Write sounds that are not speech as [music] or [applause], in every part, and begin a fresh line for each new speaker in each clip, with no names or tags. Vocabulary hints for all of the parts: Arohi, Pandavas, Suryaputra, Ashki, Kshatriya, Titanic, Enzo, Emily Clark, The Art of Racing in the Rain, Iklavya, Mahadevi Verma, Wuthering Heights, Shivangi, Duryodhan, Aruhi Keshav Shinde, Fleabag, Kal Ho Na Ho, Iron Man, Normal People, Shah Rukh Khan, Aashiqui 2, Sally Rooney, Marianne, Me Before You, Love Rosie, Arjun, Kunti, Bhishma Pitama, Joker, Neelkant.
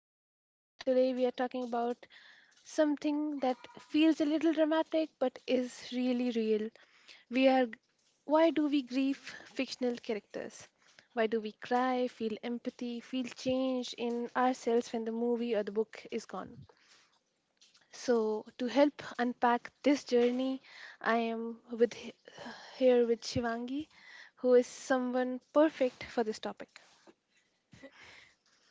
your host, and today we are talking about something that feels a little dramatic but is really real. We are Why do we grieve fictional characters? Why do we cry, feel empathy, feel change in ourselves when the movie or the book is gone? So, to help unpack this journey, I am with here with Shivangi, who is someone perfect for this topic.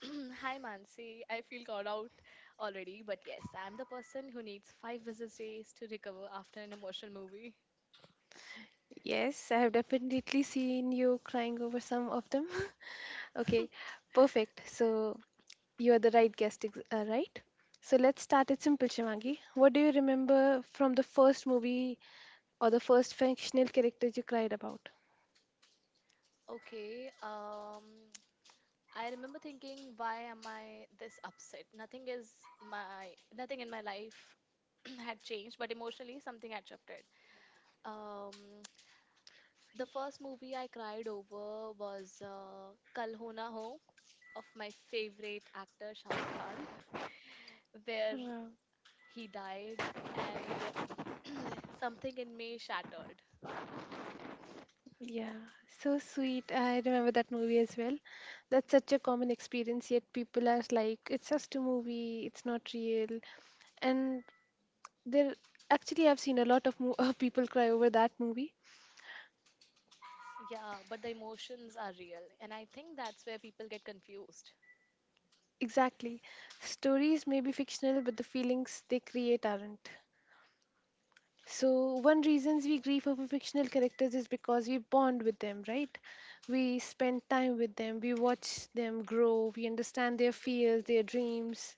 [clears throat] Hi Mansi, I feel called out already, but yes, I'm the person who needs 5 business days to recover after an emotional movie.
Yes, I have definitely seen you crying over some of them. [laughs] Okay, perfect. So you are the right right? So let's start it simple, Shivangi. What do you remember from the first movie or the first fictional character you cried about?
Okay, I remember thinking, why am I this upset? Nothing in my life [clears throat] had changed, but emotionally something had shifted. Um, [tsk] the first movie I cried over was Kal Ho Na Ho of my favorite actor Shah Rukh Khan, [laughs] where
Wow.
he died, and something in me shattered.
Yeah, so sweet. I remember that movie as well. That's such a common experience, yet people are like, it's just a movie, it's not real. And there, actually, I've seen a lot of mo- [laughs] people cry over that movie.
Yeah, but the emotions are real, and I think that's where people get confused.
Exactly. Stories may be fictional, but the feelings they create aren't. So, one reasons we grieve over fictional characters is because we bond with them, right? We spend time with them, we watch them grow, we understand their fears, their dreams.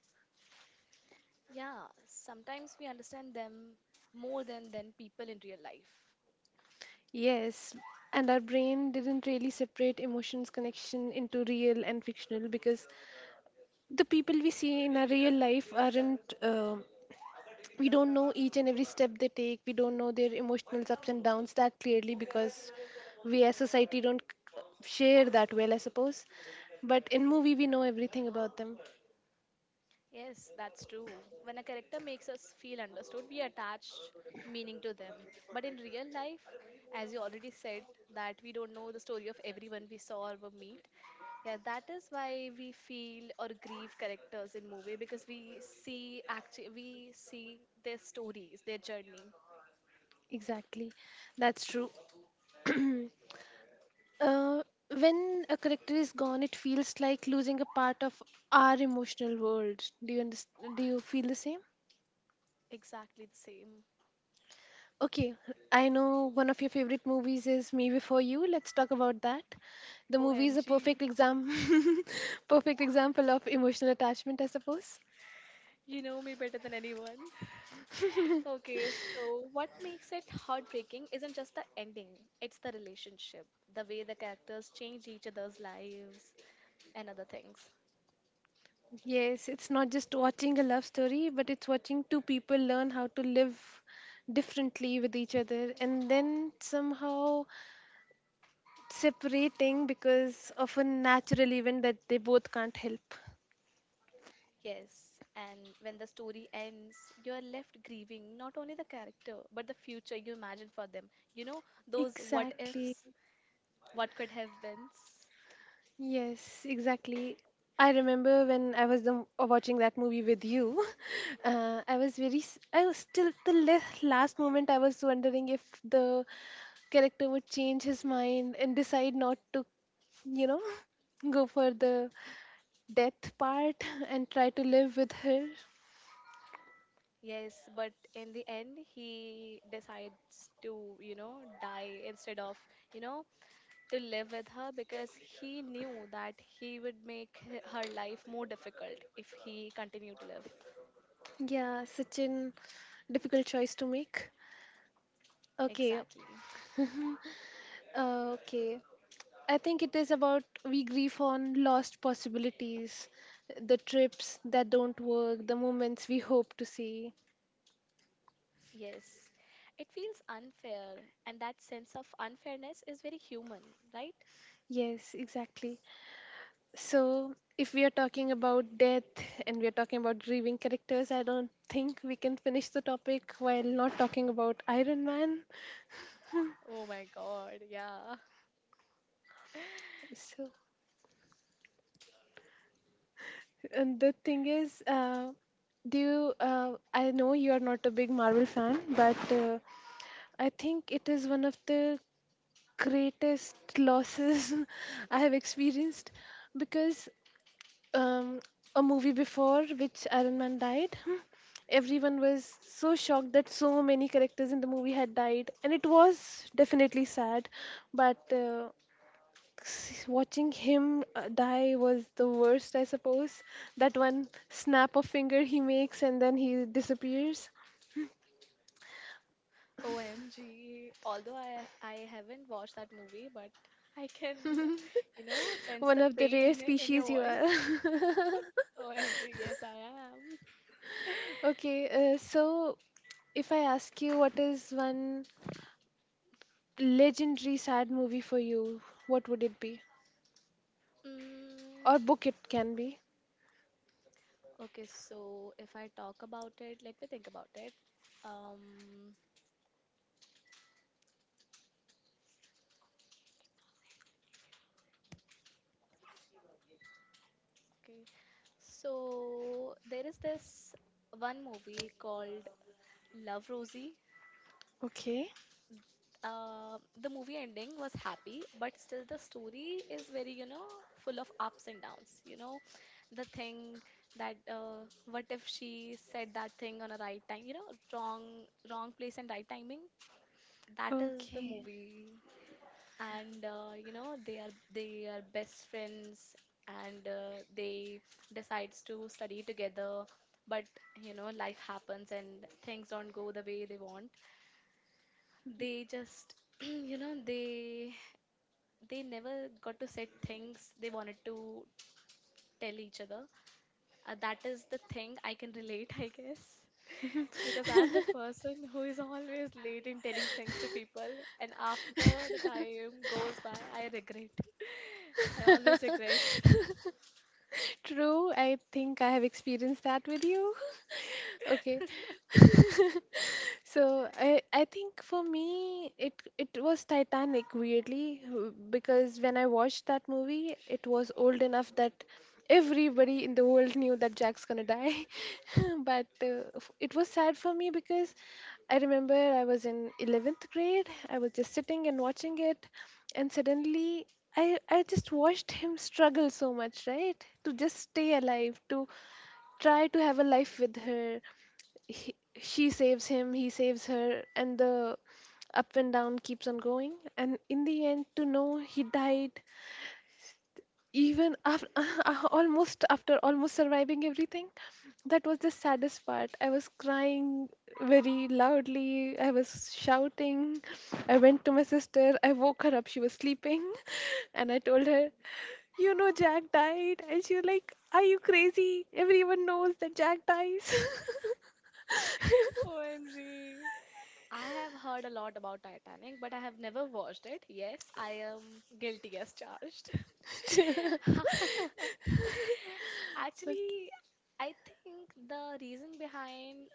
Yeah, sometimes we understand them more than people in real life.
Yes, and our brain didn't really separate emotions connection into real and fictional because the people we see in our real life aren't we don't know each and every step they take, we don't know their emotional ups and downs that clearly, because we as society don't share that well, I suppose. But in movie we know everything about them,
Yes, that's true. When a character makes us feel understood, we attach meaning to them. But in real life, as you already said, that we don't know the story of everyone we saw or will meet. Yeah, that is why we feel or grieve characters in movie because we see their stories, their journey
exactly. That's true. uh, when a character is gone it feels like losing a part of our emotional world. Do you understand? Do you feel the same?
exactly the same.
Okay, I know one of your favorite movies is Me Before You. Let's talk about that. The movie is a
OMG,
perfect exam, [laughs] Perfect example of emotional attachment, I suppose.
you know me better than anyone. [laughs] Okay, so what makes it heartbreaking isn't just the ending, it's the relationship, the way the characters change each other's lives and other things.
Yes, it's not just watching a love story, but it's watching two people learn how to live differently with each other and then somehow separating because of a natural event that they both can't help.
Yes, and when the story ends, you are left grieving not only the character, but the future you imagine for them. You know, those what
Exactly.
ifs, what could have been.
Yes, exactly. I remember when I was watching that movie with you. [laughs] I was I was still the last moment I was wondering if the character would change his mind and decide not to, you know, [laughs] go for the death part [laughs] and try to live with her.
Yes, but in the end, he decides to die instead of, you know, to live with her because he knew that he would make her life more difficult if he continued to live.
Yeah, such an difficult choice to make. Okay,
Exactly.
okay. I think it is about we grieve on lost possibilities, the trips that don't work, the moments we hope to see.
Yes, it feels unfair, and that sense of unfairness is very human, right?
Yes, exactly. So, if we are talking about death and we are talking about grieving characters, I don't think we can finish the topic while not talking about Iron Man.
Oh my God, yeah.
So, and the thing is, do you, I know you are not a big Marvel fan, but I think it is one of the greatest losses [laughs] I have experienced because um, a movie before which Iron Man died, [laughs] everyone was so shocked that so many characters in the movie had died, and it was definitely sad. But watching him die was the worst, I suppose. That one snap of finger he makes and then he disappears.
OMG. Although I haven't watched that movie, but I can
[laughs]
sense
One
the
of the rare
pain in your
species you are.
voice.
[laughs]
OMG, yes, I am. [laughs]
Okay, so if I ask you what is one legendary sad movie for you, what would it be?
Mm,
Or book it can be.
okay, so if I talk about it, let me think about it. Um, okay. So there is this one movie called Love Rosie.
Okay.
The movie ending was happy, but still the story is very, you know, full of ups and downs. The thing that what if she said that thing on a right time? Wrong place and right timing. That is the
Okay.
movie, and you know they are best friends, and they decides to study together. But life happens and things don't go the way they want. They just [clears throat] you know they they never got to say things they wanted to tell each other. That is the thing I can relate, [laughs] I guess. Because I am the person who is always late in telling things to people, and after the time goes by, I regret. I always regret.
[laughs]
[laughs]
True, I think I have experienced that with you. [laughs] Okay. [laughs] So I think for me it was Titanic weirdly because when I watched that movie it was old enough that everybody in the world knew that Jack's gonna die [laughs] but it was sad for me because I remember I was in 11th grade. I was just sitting and watching it, and suddenly I just watched him struggle so much, right? To just stay alive, to try to have a life with her. She saves him, he saves her, and the up and down keeps on going. And in the end, to know he died even after [laughs] almost after almost surviving everything, that was the saddest part. I was crying very loudly, I was shouting, I went to my sister, I woke her up, she was sleeping. [laughs] And I told her, you know, Jack died, and she was like, are you crazy, everyone knows that Jack dies.
OMG. I have heard a lot about Titanic, but I have never watched it. Yes, I am guilty as charged.
[laughs] [laughs]
[laughs]
Okay.
Actually, I think the reason behind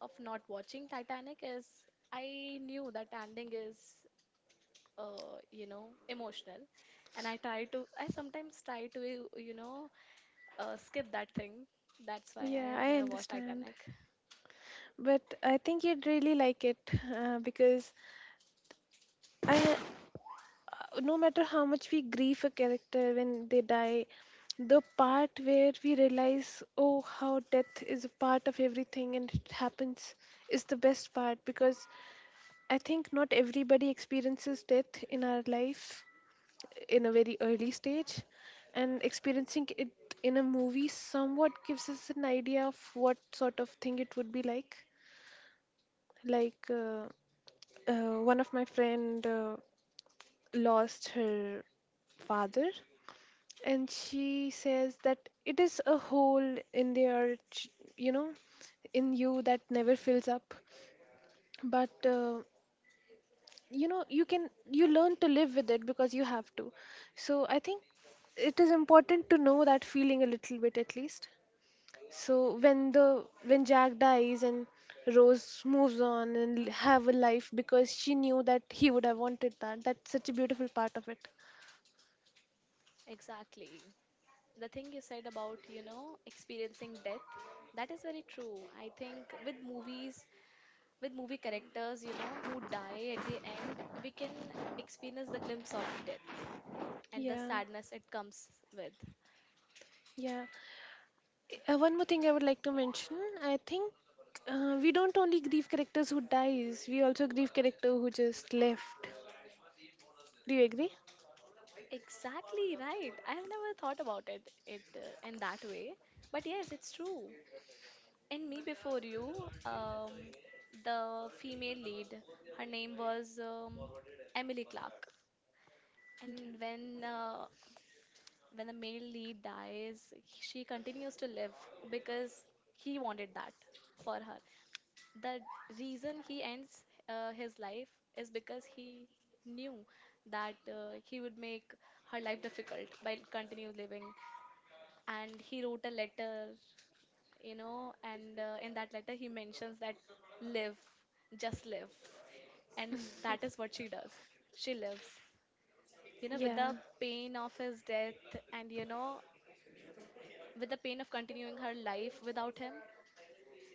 of not watching Titanic is I knew that ending is emotional and I sometimes try to you know skip that thing. That's why I
Yeah,
have
I
never watched
understand.
Titanic.
But I think you'd really like it because I, no matter how much we grieve a character when they die, the part where we realize, oh, how death is a part of everything and it happens is the best part, because I think not everybody experiences death in our life, in a very early stage, and experiencing it in a movie somewhat gives us an idea of what sort of thing it would be like. Like one of my friend lost her father, and she says that it is a hole in their you know, in you, that never fills up, but you know, you learn to live with it because you have to. So I think it is important to know that feeling a little bit at least. So when the when Jack dies and Rose moves on and have a life because she knew that he would have wanted that, that's such a beautiful part of it.
Exactly. The thing you said about experiencing death, that is very true. I think with movies, with movie characters, who die at the end, we can experience the glimpse of death and the
Yeah,
sadness it comes with.
yeah. One more thing I would like to mention. I think we don't only grieve characters who dies. We also grieve character who just left. Do you agree?
Exactly right. I have never thought about it in that way, but yes, it's true. In Me Before You, the female lead, her name was Emily Clark,
Yeah.
and when the male lead dies, she continues to live because he wanted that for her. The reason he ends his life is because he knew that he would make her life difficult by continue living. And he wrote a letter, and in that letter he mentions that live, just live. And that is what she does. She lives with
Yeah,
the pain of his death and with the pain of continuing her life without him.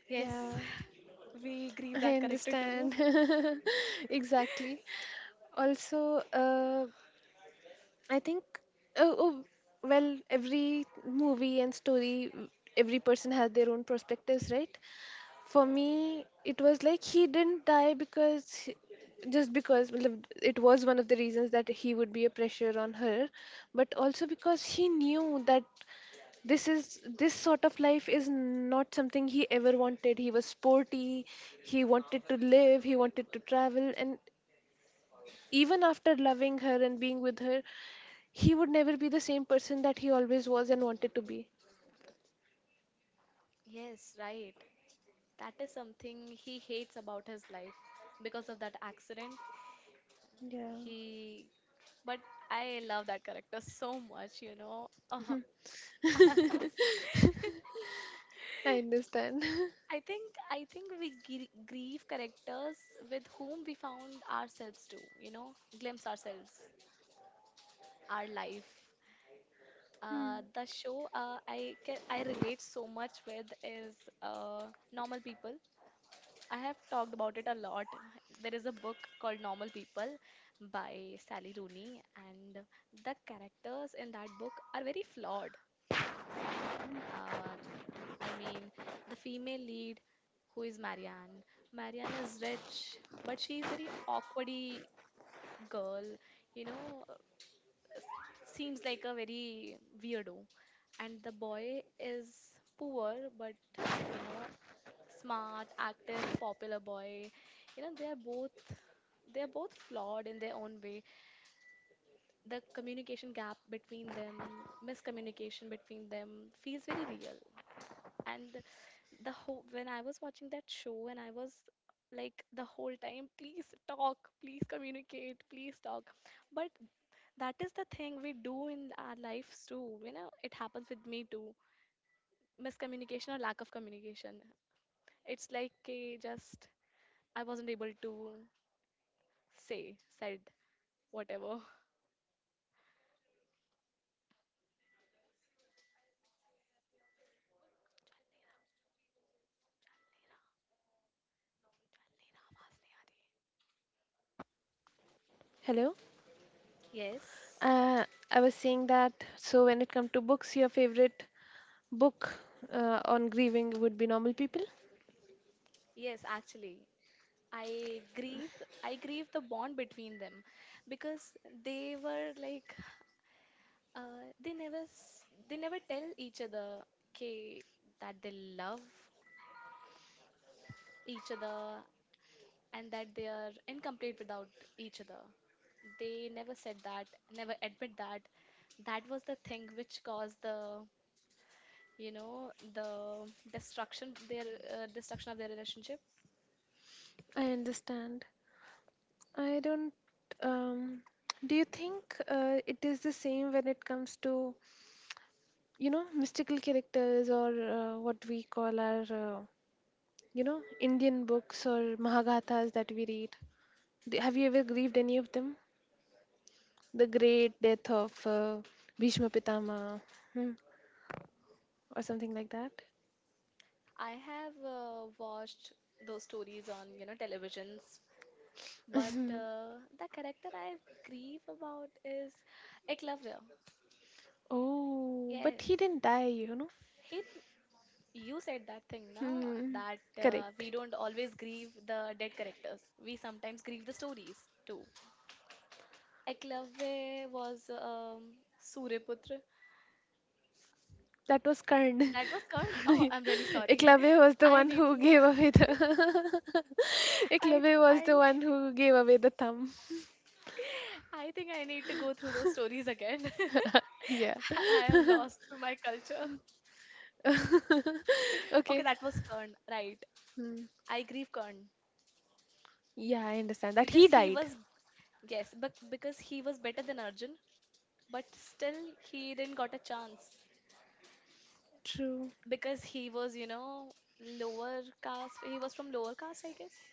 Yes,
yeah,
[laughs] we grieve
I
that character too.
understand. [laughs] Exactly. Also, I think, oh, oh, well, every movie and story, every person has their own perspectives, right? For me, it was like he didn't die because, just because, well, it was one of the reasons that he would be a pressure on her, but also because he knew that this sort of life is not something he ever wanted. He was sporty, he wanted to live, he wanted to travel, and even after loving her and being with her, he would never be the same person that he always was and wanted to be.
Yes, right. That is something he hates about his life because of that accident.
Yeah.
He, but I love that character so much. Uh-huh.
[laughs] I understand. [laughs]
I think I think we grieve characters with whom we found ourselves too, glimpse ourselves, our life.
Hmm.
The show I relate so much with is normal people. I have talked about it a lot. There is a book called Normal People by Sally Rooney, and the characters in that book are very flawed. Uh, I mean, the female lead, who is Marianne. Marianne is rich, but she is very awkwardy girl, you know, uh, s- seems like a very weirdo. And the boy is poor, but you know, smart, active, popular boy. You know they are both they're both flawed in their own way. The communication gap between them, miscommunication between them feels very real. And the whole when I was watching that show and I was like, the whole time, please talk, please communicate, please talk, but that is the thing we do in our lives too. It happens with me too. Miscommunication or lack of communication, it's like, just I wasn't able to say said whatever. [laughs]
Hello.
Yes,
Uh, I was saying that, so when it comes to books, your favorite book on grieving would be Normal People.
yes, actually. I grieve I grieve the bond between them because they were like they never they never tell each other, okay, that they love each other and that they are incomplete without each other. They never said that, never admit that. That was the thing which caused the you know the destruction their destruction of their relationship.
I understand. I don't. Um, do you think it is the same when it comes to, you know, mystical characters, or what we call our you know, Indian books or Mahagathas that we read? Have you ever grieved any of them? The great death of Bhishma Pitama, hmm, or something like
I have watched those stories on televisions,
that.
but
[laughs]
the character I grieve about is Eklavya.
Oh, but
Yes.
he didn't die, you know.
He didn't, you said that thing, na,
Hmm.
that we
Correct.
don't always grieve the dead characters. We sometimes grieve the stories too. Eklavya was Suryaputra.
That was Karn.
That was called. [laughs]
[laughs]
Oh, I'm really sorry.
Iklavya was
[laughs]
the
I
one
need
who
to.
gave away the. [laughs]
[laughs] I
Iklavya
think
was
I.
the
need-
one who gave away the thumb.
[laughs] I think I need to go through those stories again.
[laughs]
[laughs]
Yeah.
[laughs] I am lost to my culture.
[laughs]
[laughs] Okay,
Okay.
that was Kern, right?
Hmm.
I grieve Kern
Yeah, I understand that
because
he
he
died.
was yes, but because he was better than Arjun, but still he didn't got a chance
True.
because he was lower caste. He was from lower caste, I guess.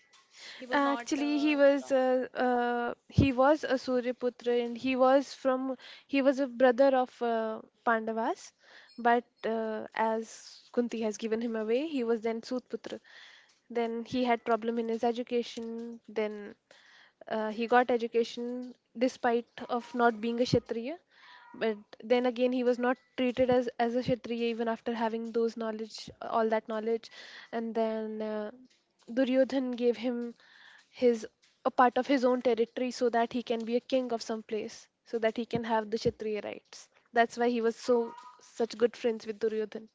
He was not
Actually,
from.
he was a Suryaputra, and he was from he was a brother of Pandavas, but as Kunti has given him away, he was then Sutputra. Then he had problem in his education. Then he got education despite of not being a Kshatriya, but then again he was not treated as a Kshatriya even after having those knowledge, all that knowledge, and then. Duryodhan gave him his a part of his own territory so that he can be a king of some place, so that he can have the Kshatriya rights. That's why he was so such good friends with Duryodhan.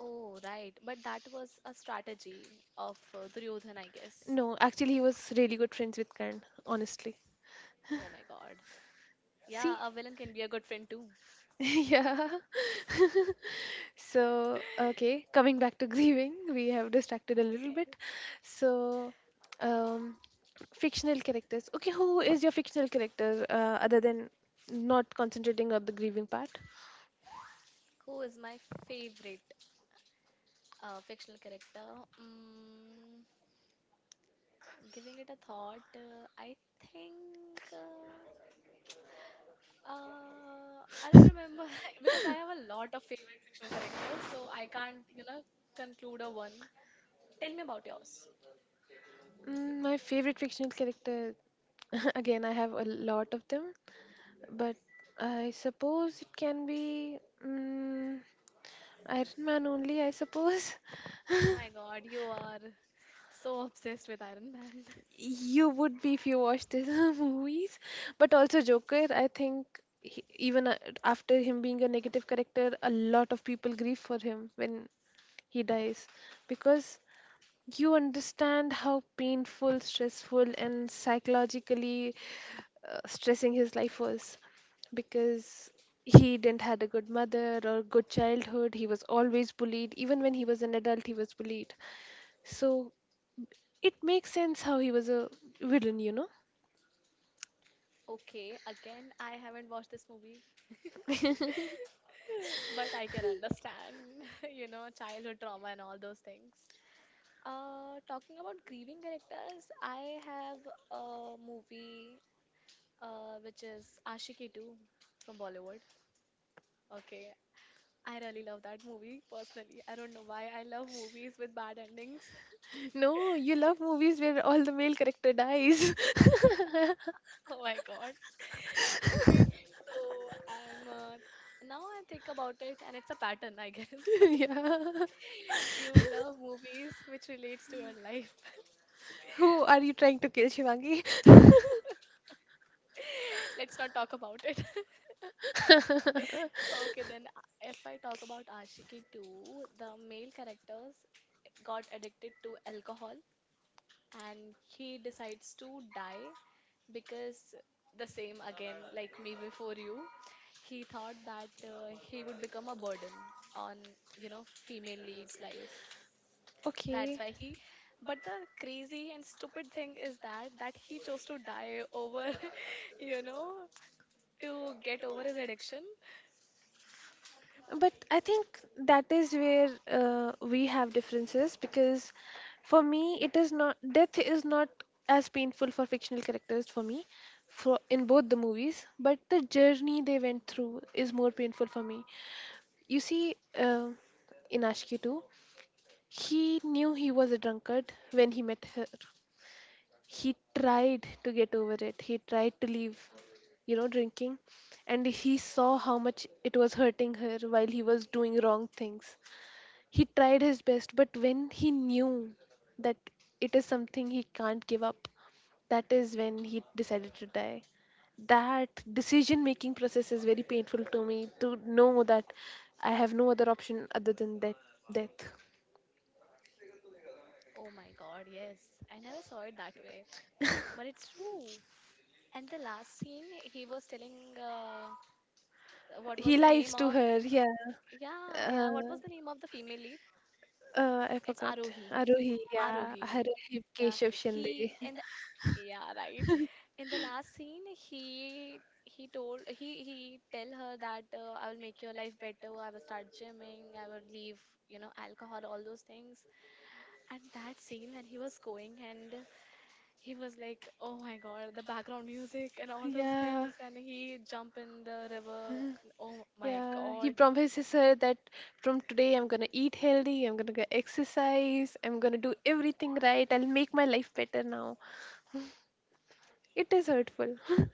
Oh, right. But that was a strategy of Duryodhan, I guess.
No, actually he was really good friends with Karna, honestly.
Oh my God.
See?
Yeah, a villain can be a good friend too.
[laughs] Yeah. So, okay, coming back to grieving, we have distracted a little bit.
Yes.
So, um, fictional characters. Okay, who is your fictional character other than not concentrating on the grieving part?
Who is my favorite fictional character? Mm, giving it a thought, I think, I don't remember [laughs] because I have a lot of fictional characters, so I can't conclude a one. Tell me about yours.
Mm, my favorite fictional character, [laughs] again, I have a lot of them, but I suppose it can be mm, Iron Man only, I suppose.
Oh
[laughs]
my God, you are so obsessed with Iron Man. [laughs]
You would be if you watched his [laughs] movies, but also Joker. I think he, even after him being a negative character, a lot of people grieve for him when he dies because you understand how painful, stressful, and psychologically stressing his life was, because he didn't had a good mother or good childhood. He was always bullied. Even when he was an adult, he was bullied. So it makes sense how he was a villain, you know.
Okay, again, I haven't watched this movie, [laughs] but I can understand, [laughs] childhood trauma and all those things. Talking about grieving characters, I have a movie which is Aashiqui 2 from Bollywood. Okay, I really love that movie personally. I don't know why I love movies with bad endings. [laughs]
No, you love movies where all the male character dies.
Oh my God. [laughs] Okay, so I'm now I think about it, and it's a pattern, I guess.
[laughs] Yeah.
[laughs] You love movies which relates to your life.
Who are you trying to kill, Shivangi?
[laughs]
[laughs]
Let's not talk about it. [laughs] Okay, then if I talk about Ashiki 2, the male characters got addicted to alcohol and he decides to die because the same again, like me before you, he thought that he would become a burden on female leads life. That's
Okay.
why but the crazy and stupid thing is that he chose to die over, [laughs] you know, to get over his addiction.
But I think that is where we have differences because for me, it is not death is not as painful for fictional characters for me for in both the movies, but the journey they went through is more painful for me. You see, in Ashki too, he knew he was a drunkard when he met her. He tried to get over it, he tried to leave drinking, and he saw how much it was hurting her while he was doing wrong things. He tried his best, but when he knew that it is something he can't give up, that is when he decided to die. That decision making process is very painful to me, to know that I have no other option other than that death.
Oh my God, yes. I never saw it that way. But it's true. And the last scene, he was telling, what was
He
the
lies
name
to
of,
her, yeah.
yeah,
uh,
yeah, what was the name of the female lead?
I
It's
forgot.
Arohi.
Aruhi, yeah.
Arohi.
Aruhi
Yeah,
Keshav Shinde.
he in the yeah, right. In the last scene, he told, he tell her that I will make your life better. I will start gymming. I will leave alcohol, all those things. And that scene when he was going and he was like, "Oh my God, the background music and all those
Yeah,
things," and he jump in the river. And Oh my
yeah. He
God,
promises her that from today I'm gonna eat healthy, I'm gonna go exercise, I'm gonna do everything right, I'll make my life better now. It is hurtful. [laughs]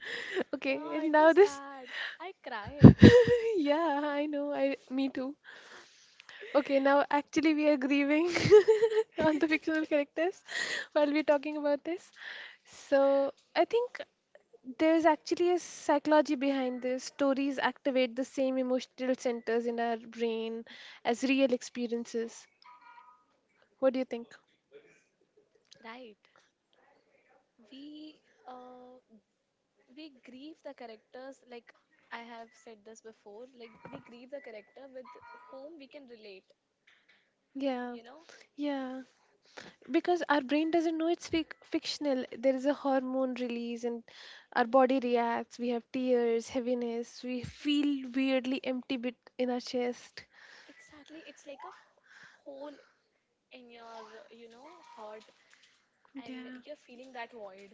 Okay,
yeah,
and
it was
now this.
sad. I cried.
[laughs] Yeah, I know. I me too. Okay, now actually we are grieving [laughs] on the fictional characters while we're talking about this. So I think there's actually a psychology behind this. Stories activate the same emotional centers in our brain as real experiences. What do you think?
Right, we uh we grieve the characters like I have said this before. Like we grieve the character with whom we can relate.
Yeah.
You know,
Yeah, because our brain doesn't know it's fictional, there is a hormone release and our body reacts. We have tears, heaviness, we feel weirdly empty bit in our chest.
exactly. It's like a hole in your you know heart, and
Yeah.
you're feeling that void.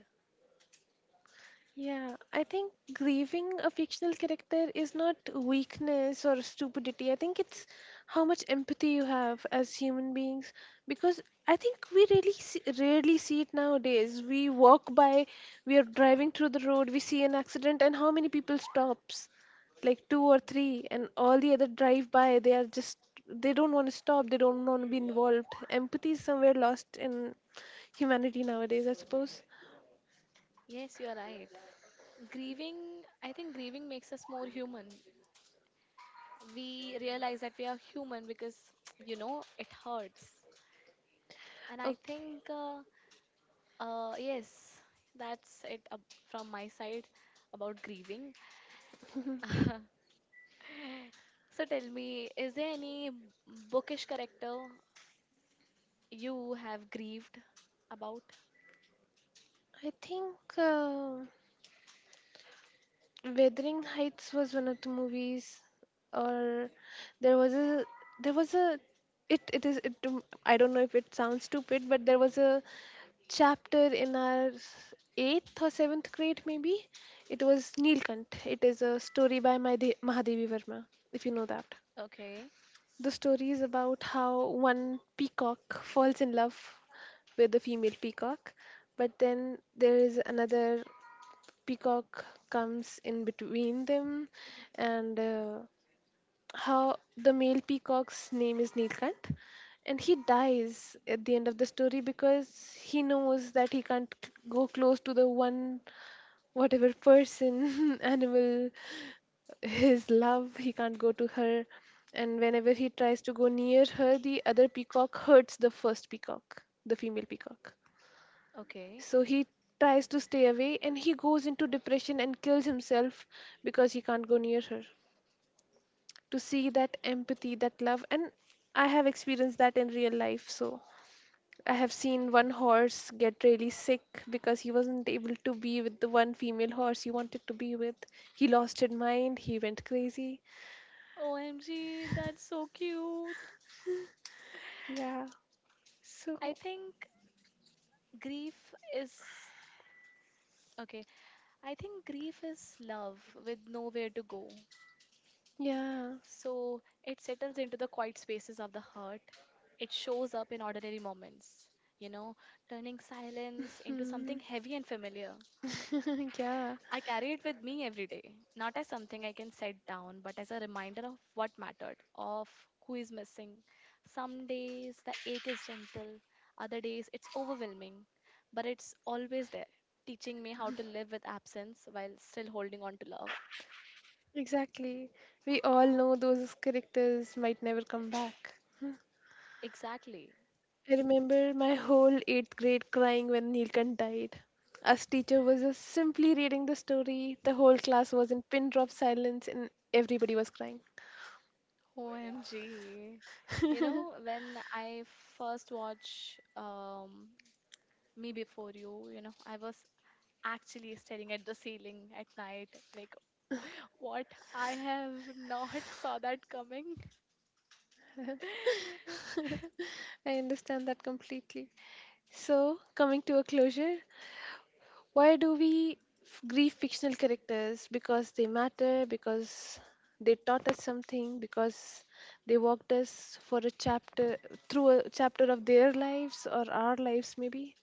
Yeah, I think grieving a fictional character is not weakness or stupidity. I think it's how much empathy you have as human beings, because I think we really see, rarely see it nowadays. We walk by, we are driving through the road, we see an accident and how many people stops? Like two or three and all the other drive by, they are just, they don't want to stop, they don't want to be involved. Empathy is somewhere lost in humanity nowadays, I suppose.
Yes, you are right. Grieving, I think grieving makes us more human. We realize that we are human because, [tsk] you know, it hurts. And
Okay.
uh, yes, that's it ab- from my side about grieving. [laughs] So tell me, is there any bookish character you have grieved about?
I think Wuthering Heights was one of the movies, or there was a there was a it it is it do- I don't know if it sounds stupid, but there was a chapter in our eighth or seventh grade maybe. It was Neelkant. It is a story by Mahadevi Verma, if you know that.
Okay,
The story is about how one peacock falls in love with a female peacock, but then there is another peacock comes in between them, and how the male peacock's name is Nilkant, and he dies at the end of the story because he knows that he can't c- go close to the one, whatever person, [laughs] animal, his love, he can't go to her. And whenever he tries to go near her, the other peacock hurts the first peacock, the female peacock.
okay.
So he tries to stay away and he goes into depression and kills himself because he can't go near her. To see that empathy, that love, and I have experienced that in real life. So I have seen one horse get really sick because he wasn't able to be with the one female horse he wanted to be with. He lost his mind, he went crazy.
OMG, that's so cute.
Yeah. So,
I think grief is okay. I think grief is love with nowhere to go.
yeah.
So it settles into the quiet spaces of the heart. It shows up in ordinary moments, you know, turning silence into
Hmm.
something heavy and familiar.
[laughs] Yeah,
I carry it with me every day, not as something I can set down, but as a reminder of what mattered, of who is missing. Some days the ache is gentle, other days it's overwhelming, but it's always there, teaching me how to live with absence while still holding on to love.
exactly. We all know those characters might never come back.
Exactly.
I remember my whole eighth grade crying when Neelkant died. Us teacher was just simply reading the story. The whole class was in pin drop silence and everybody was crying.
OMG. You know, when I first watched Me Before You, you know, I was actually staring at the ceiling at night, like, what? I have not [laughs] saw that coming. [laughs]
I understand that completely. So, coming to a closure, why do we grieve fictional characters? Because they matter, because they taught us something, because they walked us for a chapter through a chapter of their lives or our lives, maybe.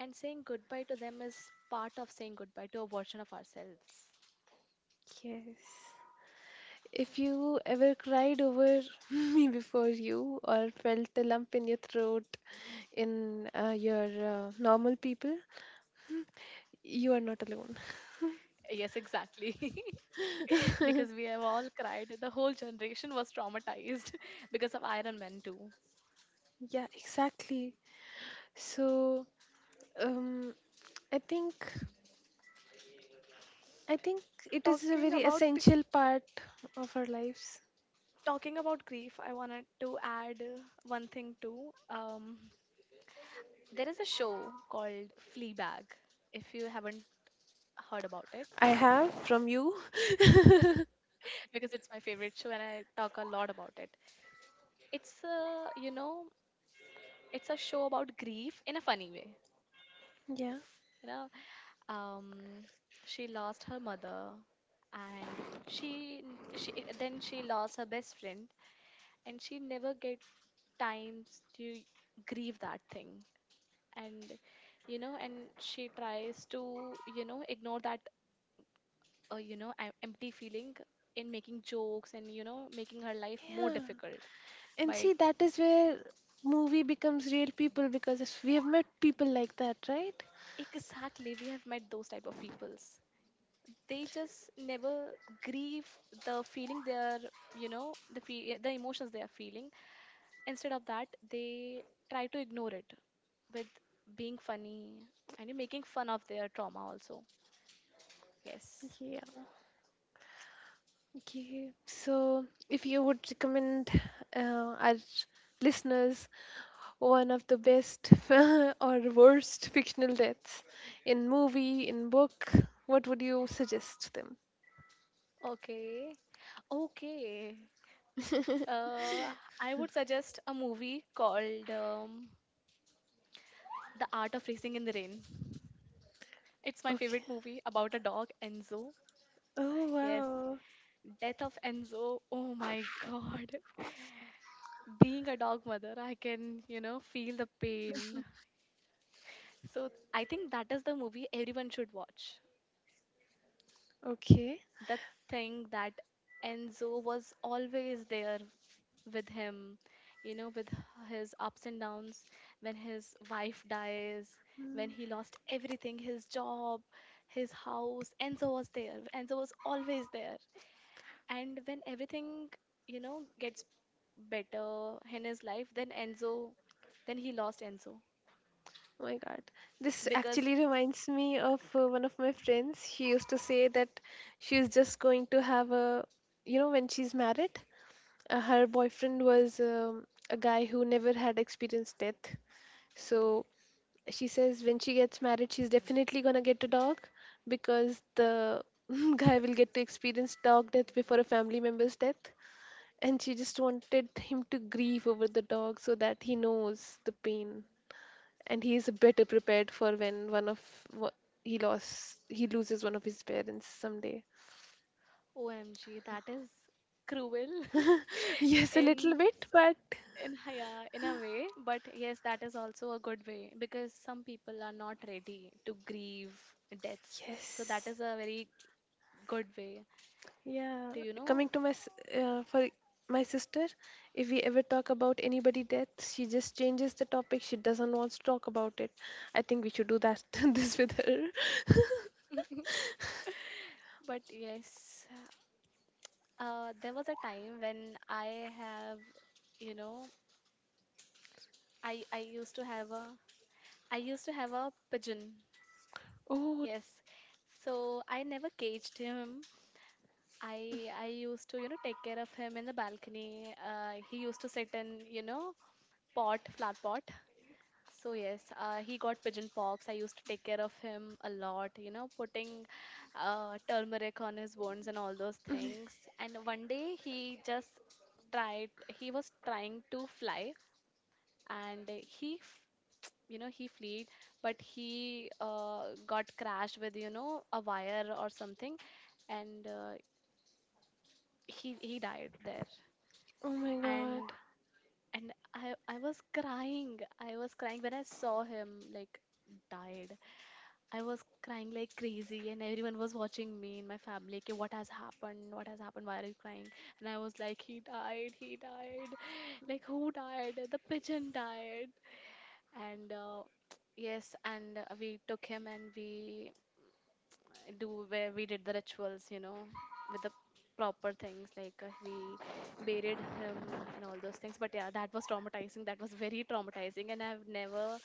And saying goodbye to them is part of saying goodbye to a version of ourselves.
Yes. If you ever cried over [laughs] me before you, or felt a lump in your throat in your normal people, you are not alone.
Yes, exactly. [laughs] Because we
[laughs]
have all cried. The whole generation was traumatized [laughs] because of Iron Man too.
[laughs] Yeah, exactly. So. Um, I think I think it is a
Talking
very
about
essential part of our lives.
Talking about grief, I wanted to add one thing too. There is a show called Fleabag, if you haven't heard about it.
I have from you. [laughs]
[laughs] Because it's my favorite show and I talk a lot about it. You know, it's a show about grief in a funny way.
Yeah.
You know, um, she lost her mother, and she n- she then she lost her best friend, and she never get times to grieve that thing, and you know, and she tries to, you know, ignore that you know, empty feeling in making jokes, and you know, making her life more
Yeah.
difficult
And
by
see, that is where movie becomes real people, because if we have met people like that, right?
exactly. We have met those type of peoples. They just never grieve the feeling they are, you know, the the emotions they are feeling. Instead of that, they try to ignore it with being funny and you making fun of their trauma also, yes.
Yeah. Okay. So, if you would recommend our listeners one of the best [laughs] or worst fictional deaths in movie, in book. What would you suggest them?
Okay, okay. Uh, I would suggest a movie called The Art of Racing in the Rain. It's my
Okay.
favorite movie about a dog, Enzo.
Oh
Yes,
wow.
death of Enzo. Oh my God. [laughs] Being a dog mother, I can, you know, feel the pain. So I think that is the movie everyone should watch.
Okay.
The thing that Enzo was always there with him, you know, with his ups and downs, when his wife dies,
Mm.
when he lost everything, his job, his house. Enzo was there. Enzo was always there. And when everything, you know, gets better in his life, then Enzo, then he lost Enzo.
Oh my god. This
Because
actually reminds me of one of my friends. She used to say that she's just going to have a, you know, when she's married, her boyfriend was a guy who never had experienced death. So she says when she gets married she's definitely going to get a dog, because the [laughs] guy will get to experience dog death before a family member's death. And she just wanted him to grieve over the dog so that he knows the pain and he is better prepared for when one of wha- he lost, he loses one of his parents someday.
OMG, that is cruel.
[laughs]
[laughs]
Yes, a little
in
bit, but
[laughs] Yeah, in a way, but yes, that is also a good way because some people are not ready to grieve deaths. So that
yes.
is a very good way
Yeah,
to, you know,
coming to my for my sister, if we ever talk about anybody death, she just changes the topic. She doesn't want to talk about it. I think we should do that [laughs] this with her. [laughs]
but yes, there was a time when I have, you know, I used to have a I used to have a pigeon.
Oh,
Yes. So I never caged him. I used to, you know, take care of him in the balcony. He used to sit in, you know, pot, flat pot. So yes, he got pigeon pox. I used to take care of him a lot, you know, putting turmeric on his wounds and all those things. And one day he just tried. He was trying to fly, and you know, he fled, but he got crashed with, you know, a wire or something, and he died there.
oh my God.
And and I was crying. I was crying when I saw him, like, died. I was crying like crazy, and everyone was watching me in my family. Okay, what has happened? What has happened? Why are you crying? And I was like, he died, he died. Like, who died? The pigeon died. And [tsk] yes, and we took him, and we do where we did the rituals, you know, with the proper things, like we buried him and all those things. But yeah, that was traumatizing. That was very traumatizing, and I've never,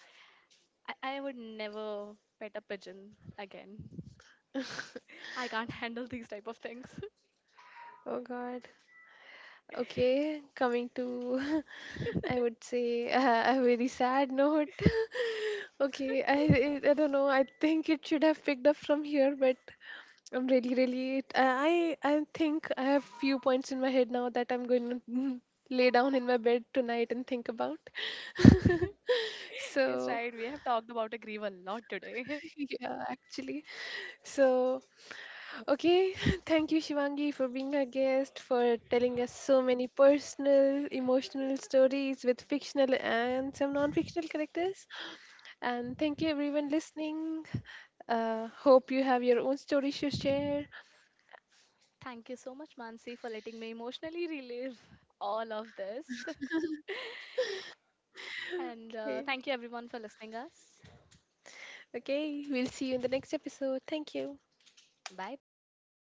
I, I would never pet a pigeon again.
[laughs]
I can't [laughs] handle these type of things.
Oh God. Okay, coming to, [laughs] I would say [laughs] a very sad note. [laughs] Okay, I don't know. I think it should have picked up from here, but I'm really, really. I think I have few points in my head now that I'm going to [laughs] lay down in my bed tonight and think about. [laughs]
[laughs] Yes,
So.
right. We have talked about a grieve a lot today.
Yeah, actually. So okay, [laughs] thank you Shivangi for being our guest, for telling us so many personal, emotional stories with fictional and some non-fictional characters. And thank you everyone listening. Hope you have your own stories to share.
[laughs] Thank you so much, Mansi, for letting me emotionally relive all of this. [laughs]
[laughs]
And
Okay.
thank you everyone for listening us.
Okay, we'll see you in the next episode. Thank you.
Bye bye.